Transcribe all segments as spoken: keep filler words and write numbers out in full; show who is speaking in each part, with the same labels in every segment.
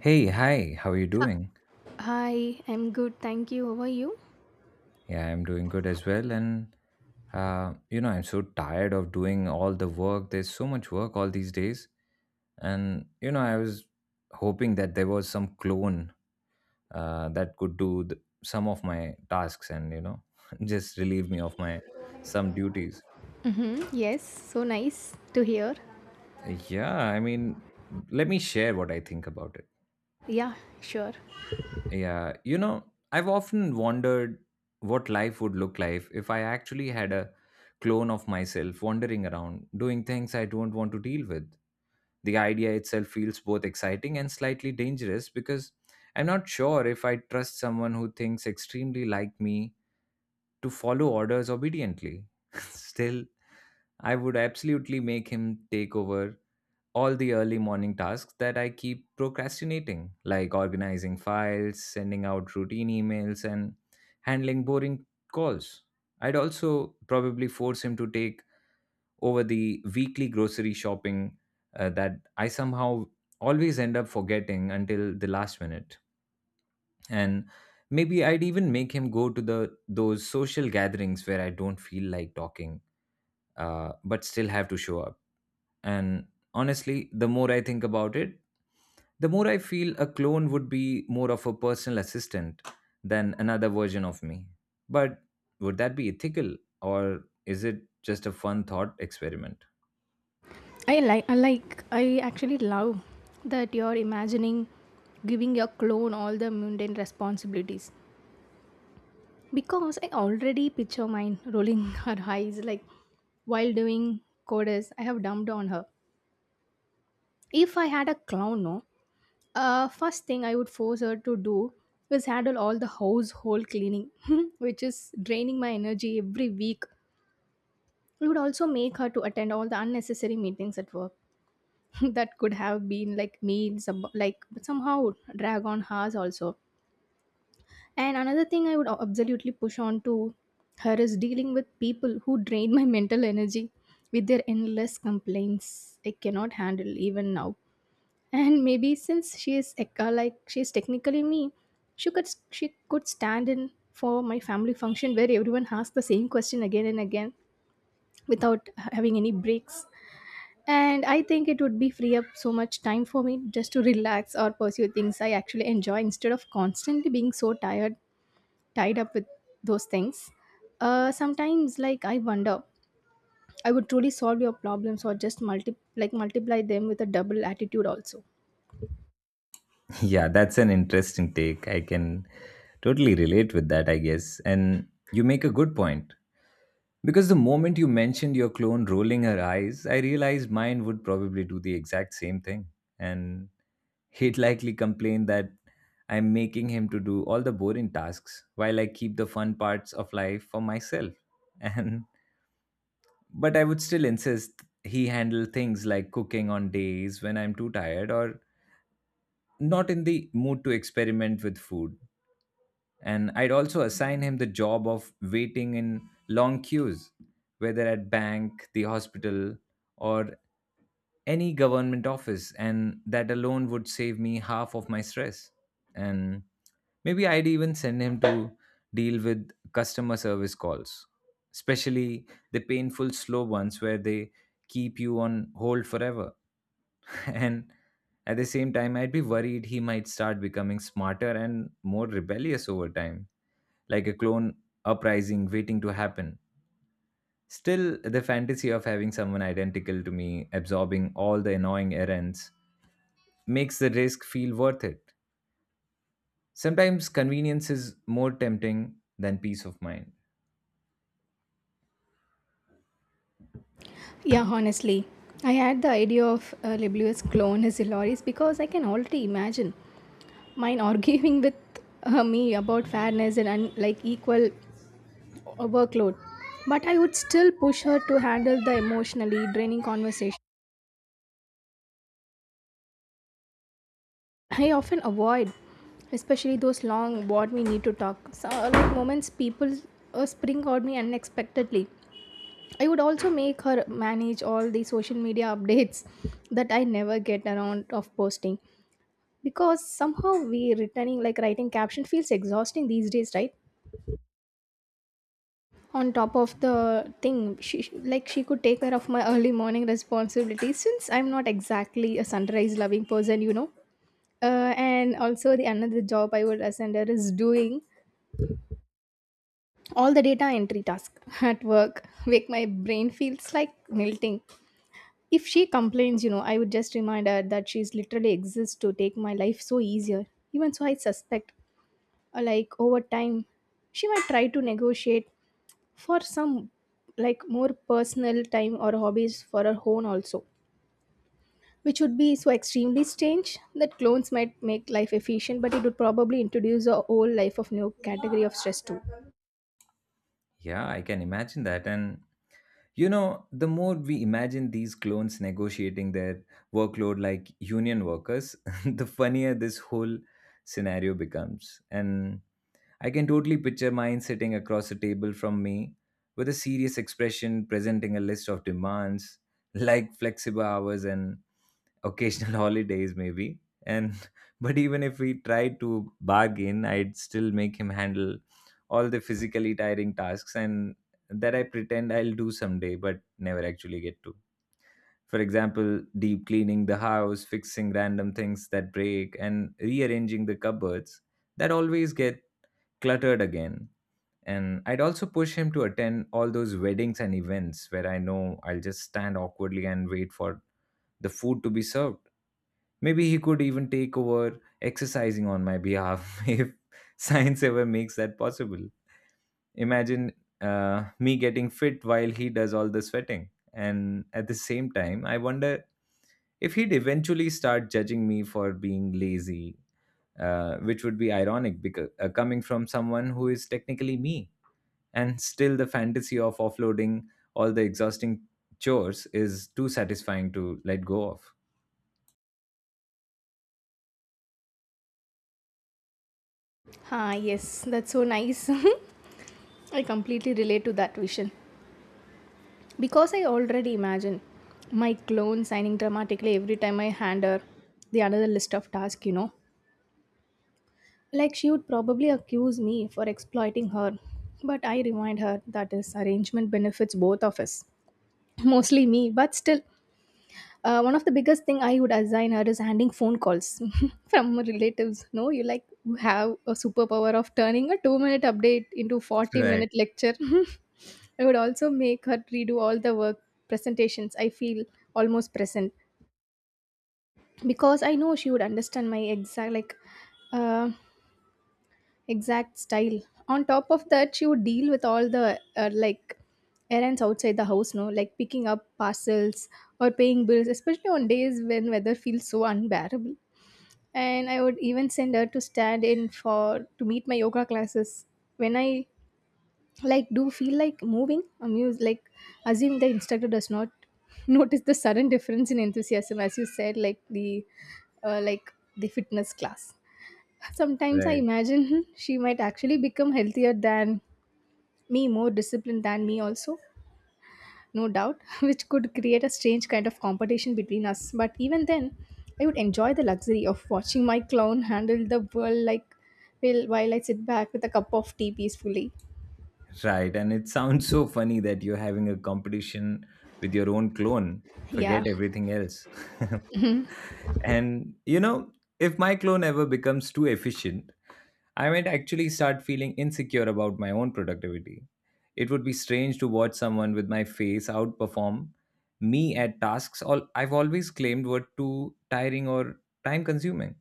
Speaker 1: Hey, hi, how are you doing?
Speaker 2: Hi, I'm good. Thank you. How are you?
Speaker 1: Yeah, I'm doing good as well. And, uh, you know, I'm so tired of doing all the work. There's so much work all these days. And, you know, I was hoping that there was some clone uh, that could do th- some of my tasks and, you know, just relieve me of my some duties.
Speaker 2: Mm-hmm. Yes, so nice to hear.
Speaker 1: Yeah, I mean, let me share what I think about it.
Speaker 2: Yeah, sure.
Speaker 1: Yeah, you know, I've often wondered what life would look like if I actually had a clone of myself wandering around, doing things I don't want to deal with. The idea itself feels both exciting and slightly dangerous because I'm not sure if I trust someone who thinks extremely like me to follow orders obediently. Still, I would absolutely make him take over all the early morning tasks that I keep procrastinating, like organizing files, sending out routine emails, and handling boring calls. I'd also probably force him to take over the weekly grocery shopping uh, that I somehow always end up forgetting until the last minute. And maybe I'd even make him go to the those social gatherings where I don't feel like talking, uh, but still have to show up and honestly, the more I think about it, the more I feel a clone would be more of a personal assistant than another version of me. But would that be ethical or is it just a fun thought experiment?
Speaker 2: I like I like I actually love that you're imagining giving your clone all the mundane responsibilities because I already picture mine rolling her eyes like while doing coders I have dumped on her. If I had a clown, no, uh, first thing I would force her to do is handle all the household cleaning, which is draining my energy every week. It would also make her to attend all the unnecessary meetings at work that could have been like meals, ab- like but somehow drag on hers also. And another thing I would a- absolutely push on to her is dealing with people who drain my mental energy with their endless complaints. I cannot handle even now. And maybe since she is Ekka, like she is technically me, she could she could stand in for my family function where everyone asks the same question again and again without having any breaks. And I think it would be free up so much time for me just to relax or pursue things I actually enjoy instead of constantly being so tired, tied up with those things. Uh, sometimes, like I wonder, I would truly solve your problems or just multi like multiply them with a double attitude also.
Speaker 1: Yeah, that's an interesting take. I can totally relate with that, I guess. And you make a good point. Because the moment you mentioned your clone rolling her eyes, I realized mine would probably do the exact same thing. And he'd likely complain that I'm making him to do all the boring tasks while I keep the fun parts of life for myself. And but I would still insist he handle things like cooking on days when I'm too tired or not in the mood to experiment with food. And I'd also assign him the job of waiting in long queues, whether at bank, the hospital, or any government office, and that alone would save me half of my stress. And maybe I'd even send him to deal with customer service calls, especially the painful slow ones where they keep you on hold forever. And at the same time, I'd be worried he might start becoming smarter and more rebellious over time like a clone uprising waiting to happen. Still, the fantasy of having someone identical to me absorbing all the annoying errands makes the risk feel worth it. Sometimes convenience is more tempting than peace of mind.
Speaker 2: Yeah, honestly, I had the idea of uh, Liblius clone as Hilaris because I can already imagine mine arguing with uh, me about fairness and un- like equal or workload, but I would still push her to handle the emotionally draining conversation. I often avoid, especially those long what we need to talk. So, like moments people uh, spring on me unexpectedly. I would also make her manage all the social media updates that I never get around of posting because somehow we returning like writing caption feels exhausting these days, right? On top of the thing she like she could take care of my early morning responsibilities since I'm not exactly a sunrise loving person you know uh, And also the another job I would assign her is doing all the data entry task at work make my brain feels like melting. If she complains, you know I would just remind her that she's literally exists to take my life so easier. Even so, I suspect, uh, like over time she might try to negotiate for some like more personal time or hobbies for our own also, which would be so extremely strange that clones might make life efficient but it would probably introduce a whole life of new category of stress too.
Speaker 1: Yeah, I can imagine that. And you know, the more we imagine these clones negotiating their workload like union workers, the funnier this whole scenario becomes. And I can totally picture mine sitting across a table from me with a serious expression presenting a list of demands like flexible hours and occasional holidays maybe and but even if we tried to bargain I'd still make him handle all the physically tiring tasks and that I pretend I'll do someday but never actually get to, for example, deep cleaning the house, fixing random things that break, and rearranging the cupboards that always get cluttered again. And I'd also push him to attend all those weddings and events where I know I'll just stand awkwardly and wait for the food to be served. Maybe he could even take over exercising on my behalf if science ever makes that possible. Imagine uh, me getting fit while he does all the sweating. And at the same time, I wonder if he'd eventually start judging me for being lazy, uh, which would be ironic because uh, coming from someone who is technically me. And still the fantasy of offloading all the exhausting chores is too satisfying to let go of.
Speaker 2: Ah, yes, that's so nice. I completely relate to that vision because I already imagine my clone signing dramatically every time I hand her the another list of tasks you know Like she would probably accuse me for exploiting her, but I remind her that this arrangement benefits both of us, mostly me. But still, uh, one of the biggest thing I would assign her is handing phone calls from relatives. No, you like you have a superpower of turning a two-minute update into
Speaker 1: right
Speaker 2: forty-minute lecture. I would also make her redo all the work presentations. I feel almost present because I know she would understand my exact like. Uh, Exact style. On top of that, she would deal with all the uh, like errands outside the house, no, like picking up parcels or paying bills, especially on days when weather feels so unbearable. And I would even send her to stand in for to meet my yoga classes when I like do feel like moving amused, like assume the instructor does not notice the sudden difference in enthusiasm as you said, like the uh, like the fitness class. Sometimes I
Speaker 1: right
Speaker 2: imagine she might actually become healthier than me, more disciplined than me, also, no doubt, which could create a strange kind of competition between us. But even then, I would enjoy the luxury of watching my clown handle the world like, well, while I sit back with a cup of tea peacefully.
Speaker 1: right and it sounds so funny that you're having a competition with your own clone, forget
Speaker 2: Yeah,
Speaker 1: everything else. And you know, if my clone ever becomes too efficient I might actually start feeling insecure about my own productivity. It would be strange to watch someone with my face outperform me at tasks all I've always claimed were too tiring or time consuming.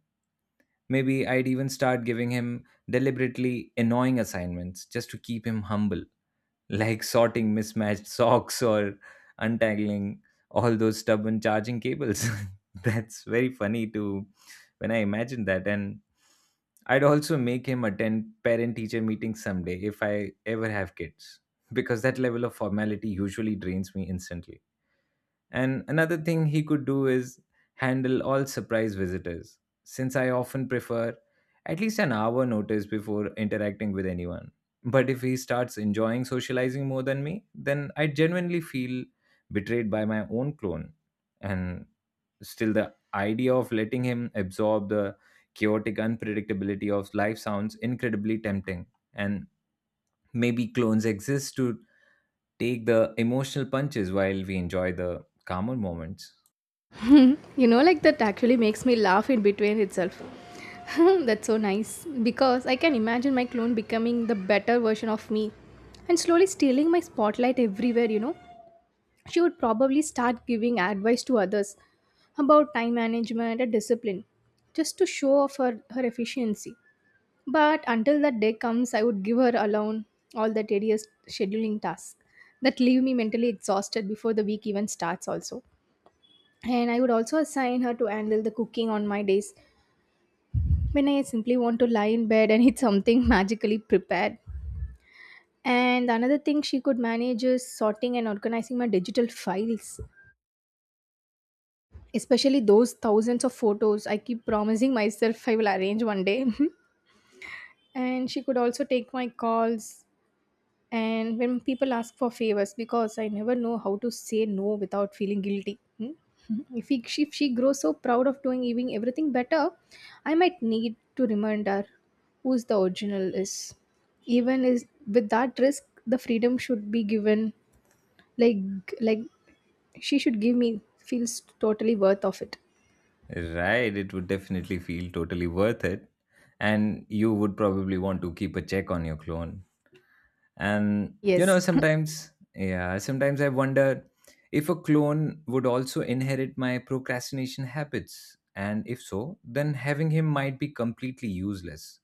Speaker 1: Maybe I'd even start giving him deliberately annoying assignments just to keep him humble, like sorting mismatched socks or untangling all those stubborn charging cables. That's very funny to when I imagine that. And I'd also make him attend parent teacher meetings someday if I ever have kids, because that level of formality usually drains me instantly. And another thing he could do is handle all surprise visitors, since I often prefer at least an hour notice before interacting with anyone. But if he starts enjoying socializing more than me, then I genuinely feel betrayed by my own clone. And still, the idea of letting him absorb the chaotic unpredictability of life sounds incredibly tempting. And maybe clones exist to take the emotional punches while we enjoy the calmer moments.
Speaker 2: you know, like that actually makes me laugh in between itself. That's so nice because I can imagine my clone becoming the better version of me and slowly stealing my spotlight everywhere, you know. She would probably start giving advice to others about time management and discipline just to show off her, her efficiency. But until that day comes, I would give her alone all the tedious scheduling tasks that leave me mentally exhausted before the week even starts, also. And I would also assign her to handle the cooking on my days when I simply want to lie in bed and eat something magically prepared. And another thing she could manage is sorting and organizing my digital files, especially those thousands of photos I keep promising myself I will arrange one day. And she could also take my calls and when people ask for favors because I never know how to say no without feeling guilty. Hmm? If, he, she, if she grows so proud of doing even everything better, I might need to remind her who's the original is. Even is with that risk, the freedom should be given. Like like she should give me feels totally worth of it.
Speaker 1: Right, it would definitely feel totally worth it. And you would probably want to keep a check on your clone. And you
Speaker 2: Yes.
Speaker 1: know, sometimes, yeah, sometimes I wonder if a clone would also inherit my procrastination habits. And if so, then having him might be completely useless.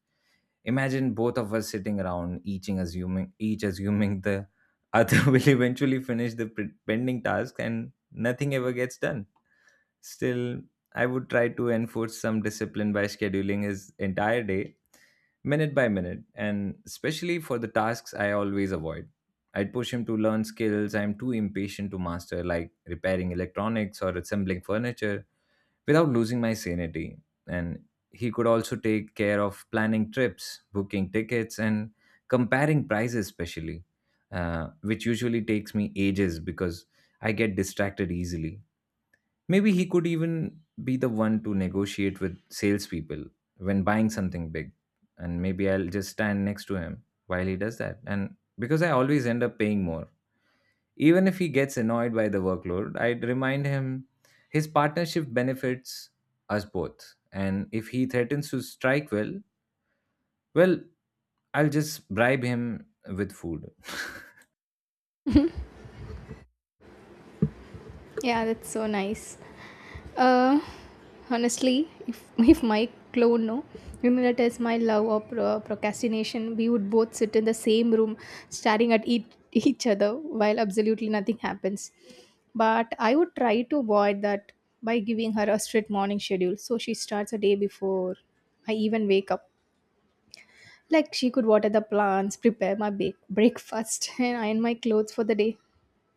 Speaker 1: Imagine both of us sitting around, each assuming, each assuming the other will eventually finish the pre- pending task and nothing ever gets done. Still, I would try to enforce some discipline by scheduling his entire day, minute by minute, and especially for the tasks I always avoid. I'd push him to learn skills I'm too impatient to master, like repairing electronics or assembling furniture, without losing my sanity. And he could also take care of planning trips, booking tickets, and comparing prices, especially, uh, which usually takes me ages because I get distracted easily. Maybe he could even be the one to negotiate with salespeople when buying something big. And maybe I'll just stand next to him while he does that. And because I always end up paying more. Even if he gets annoyed by the workload, I'd remind him his partnership benefits us both. And if he threatens to strike, well, well, I'll just bribe him with food.
Speaker 2: Yeah, that's so nice. Uh, Honestly, if if my clone no, you know that is my love or pro- procrastination, we would both sit in the same room, staring at each, each other while absolutely nothing happens. But I would try to avoid that by giving her a strict morning schedule, so she starts a day before I even wake up. Like she could water the plants, prepare my bake breakfast, and iron my clothes for the day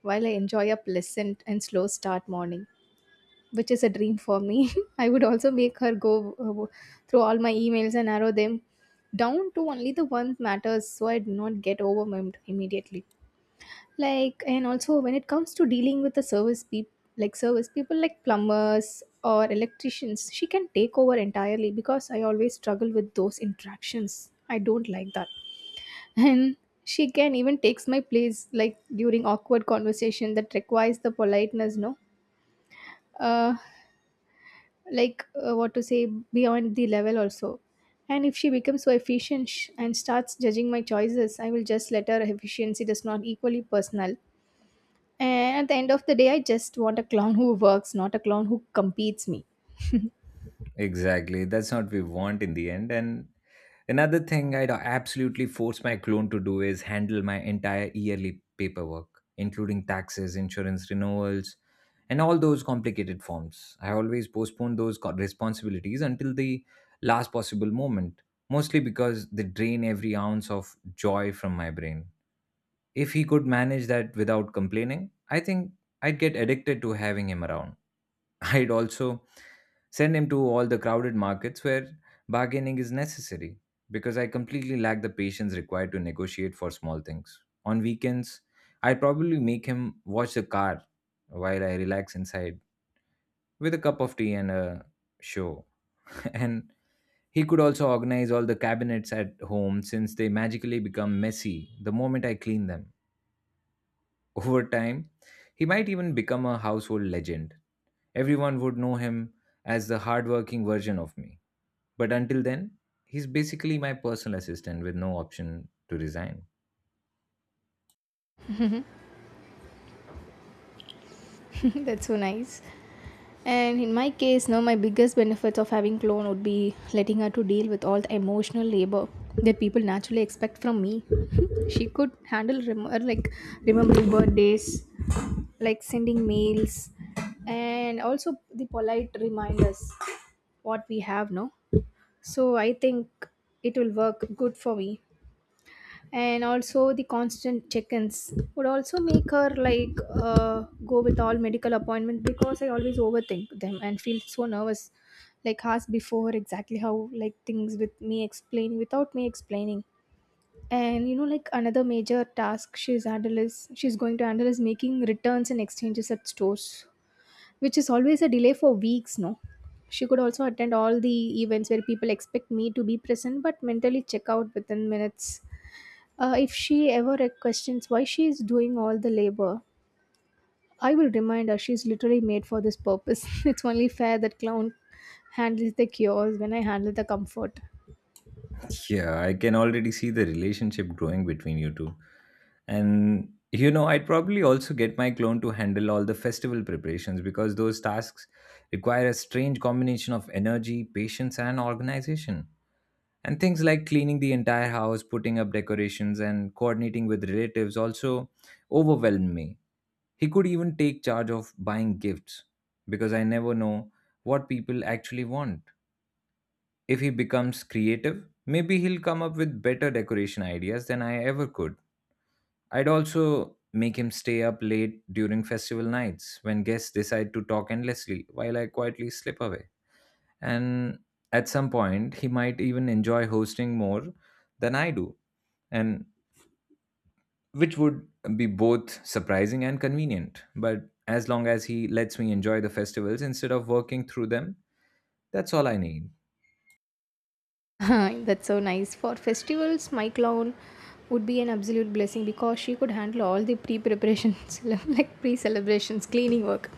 Speaker 2: while I enjoy a pleasant and slow start morning, which is a dream for me. I would also make her go uh, through all my emails and narrow them down to only the ones matters so I do not get overwhelmed immediately. Like, and also when it comes to dealing with the service people like service people like plumbers or electricians, she can take over entirely because I always struggle with those interactions. I don't like that. And she can even takes my place like during awkward conversation that requires the politeness, no, uh like, uh, what to say beyond the level also. And if she becomes so efficient, sh- and starts judging my choices, I will just let her efficiency does not equally personal. And at the end of the day, I just want a clown who works, not a clown who competes me.
Speaker 1: Exactly. That's what we want in the end. And another thing I'd absolutely force my clone to do is handle my entire yearly paperwork, including taxes, insurance renewals, and all those complicated forms. I always postpone those co- responsibilities until the last possible moment, mostly because they drain every ounce of joy from my brain. If he could manage that without complaining, I think I'd get addicted to having him around. I'd also send him to all the crowded markets where bargaining is necessary because I completely lack the patience required to negotiate for small things. On weekends, I'd probably make him watch the car while I relax inside with a cup of tea and a show. And he could also organize all the cabinets at home since they magically become messy the moment I clean them. Over time, he might even become a household legend. Everyone would know him as the hardworking version of me. But until then, he's basically my personal assistant with no option to resign.
Speaker 2: That's so nice. And in my case, now my biggest benefits of having clone would be letting her to deal with all the emotional labor that people naturally expect from me. She could handle rem- or like remembering birthdays, like sending mails, and also the polite reminders what we have. No, so I think it will work good for me. And also the constant check-ins would also make her like uh, go with all medical appointments because I always overthink them and feel so nervous, like ask before exactly how like things with me explain without me explaining. And you know like another major task she's handle is she's going to handle is making returns and exchanges at stores, which is always a delay for weeks, no, she could also attend all the events where people expect me to be present but mentally check out within minutes. Uh, if she ever uh, questions why she is doing all the labor, I will remind her she's literally made for this purpose. It's only fair that clown handles the cures when I handle the comfort.
Speaker 1: Yeah, I can already see the relationship growing between you two. And you know, I'd probably also get my clone to handle all the festival preparations because those tasks require a strange combination of energy, patience, and organization. And things like cleaning the entire house, putting up decorations, and coordinating with relatives also overwhelm me. He could even take charge of buying gifts because I never know what people actually want. If he becomes creative, maybe he'll come up with better decoration ideas than I ever could. I'd also make him stay up late during festival nights when guests decide to talk endlessly while I quietly slip away. And at some point, he might even enjoy hosting more than I do. And which would be both surprising and convenient. But as long as he lets me enjoy the festivals instead of working through them, that's all I need.
Speaker 2: That's so nice. For festivals, my clown would be an absolute blessing because she could handle all the pre-preparations, like pre-celebrations, cleaning work.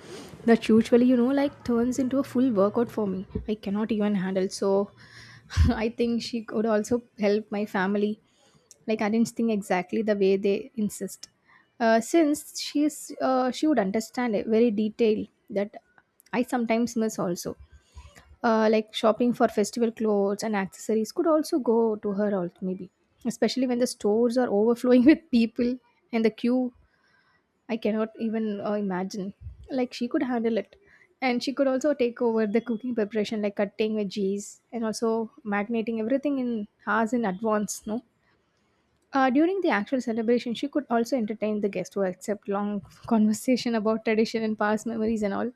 Speaker 2: That usually, you know, like turns into a full workout for me. I cannot even handle. So, I think she could also help my family, like I didn't think exactly the way they insist. Uh, since she's uh, she would understand it very detail that I sometimes miss also. Uh, like shopping for festival clothes and accessories could also go to her also maybe, especially when the stores are overflowing with people and the queue. I cannot even uh, imagine. Like she could handle it, and she could also take over the cooking preparation, like cutting veggies and also marinating everything in hours in advance. No, uh, during the actual celebration, she could also entertain the guests who accept long conversation about tradition and past memories and all.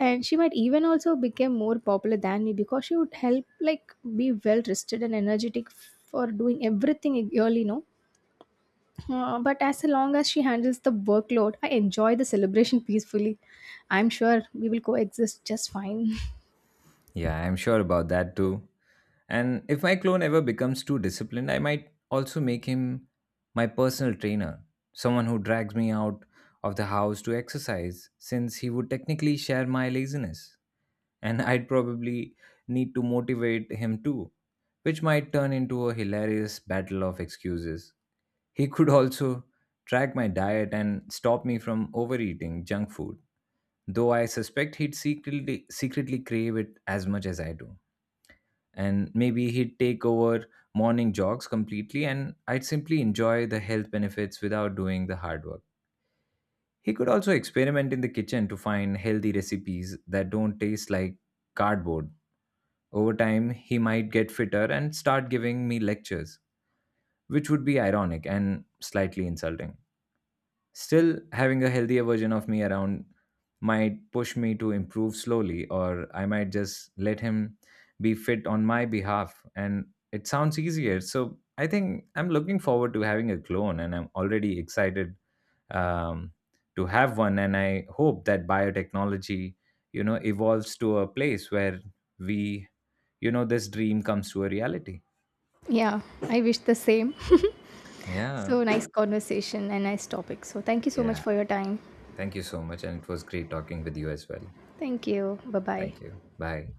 Speaker 2: And she might even also become more popular than me because she would help like be well rested and energetic for doing everything early, no? Uh, but as long as she handles the workload, I enjoy the celebration peacefully. I'm sure we will coexist just fine.
Speaker 1: Yeah, I'm sure about that too. And if my clone ever becomes too disciplined, I might also make him my personal trainer, someone who drags me out of the house to exercise, since he would technically share my laziness. And I'd probably need to motivate him too, which might turn into a hilarious battle of excuses. He could also track my diet and stop me from overeating junk food, though I suspect he'd secretly, secretly crave it as much as I do. And maybe he'd take over morning jogs completely, and I'd simply enjoy the health benefits without doing the hard work. He could also experiment in the kitchen to find healthy recipes that don't taste like cardboard. Over time, he might get fitter and start giving me lectures, which would be ironic and slightly insulting. Still, having a healthier version of me around might push me to improve slowly, or I might just let him be fit on my behalf. And it sounds easier. So I think I'm looking forward to having a clone, and I'm already excited um, to have one. And I hope that biotechnology, you know, evolves to a place where we, you know, this dream comes to a reality.
Speaker 2: Yeah, I wish the same.
Speaker 1: Yeah.
Speaker 2: So nice conversation and nice topic. So thank you so much
Speaker 1: Yeah.
Speaker 2: for your time.
Speaker 1: Thank you so much. And it was great talking with you as well.
Speaker 2: Thank you. Bye bye.
Speaker 1: Thank you. Bye.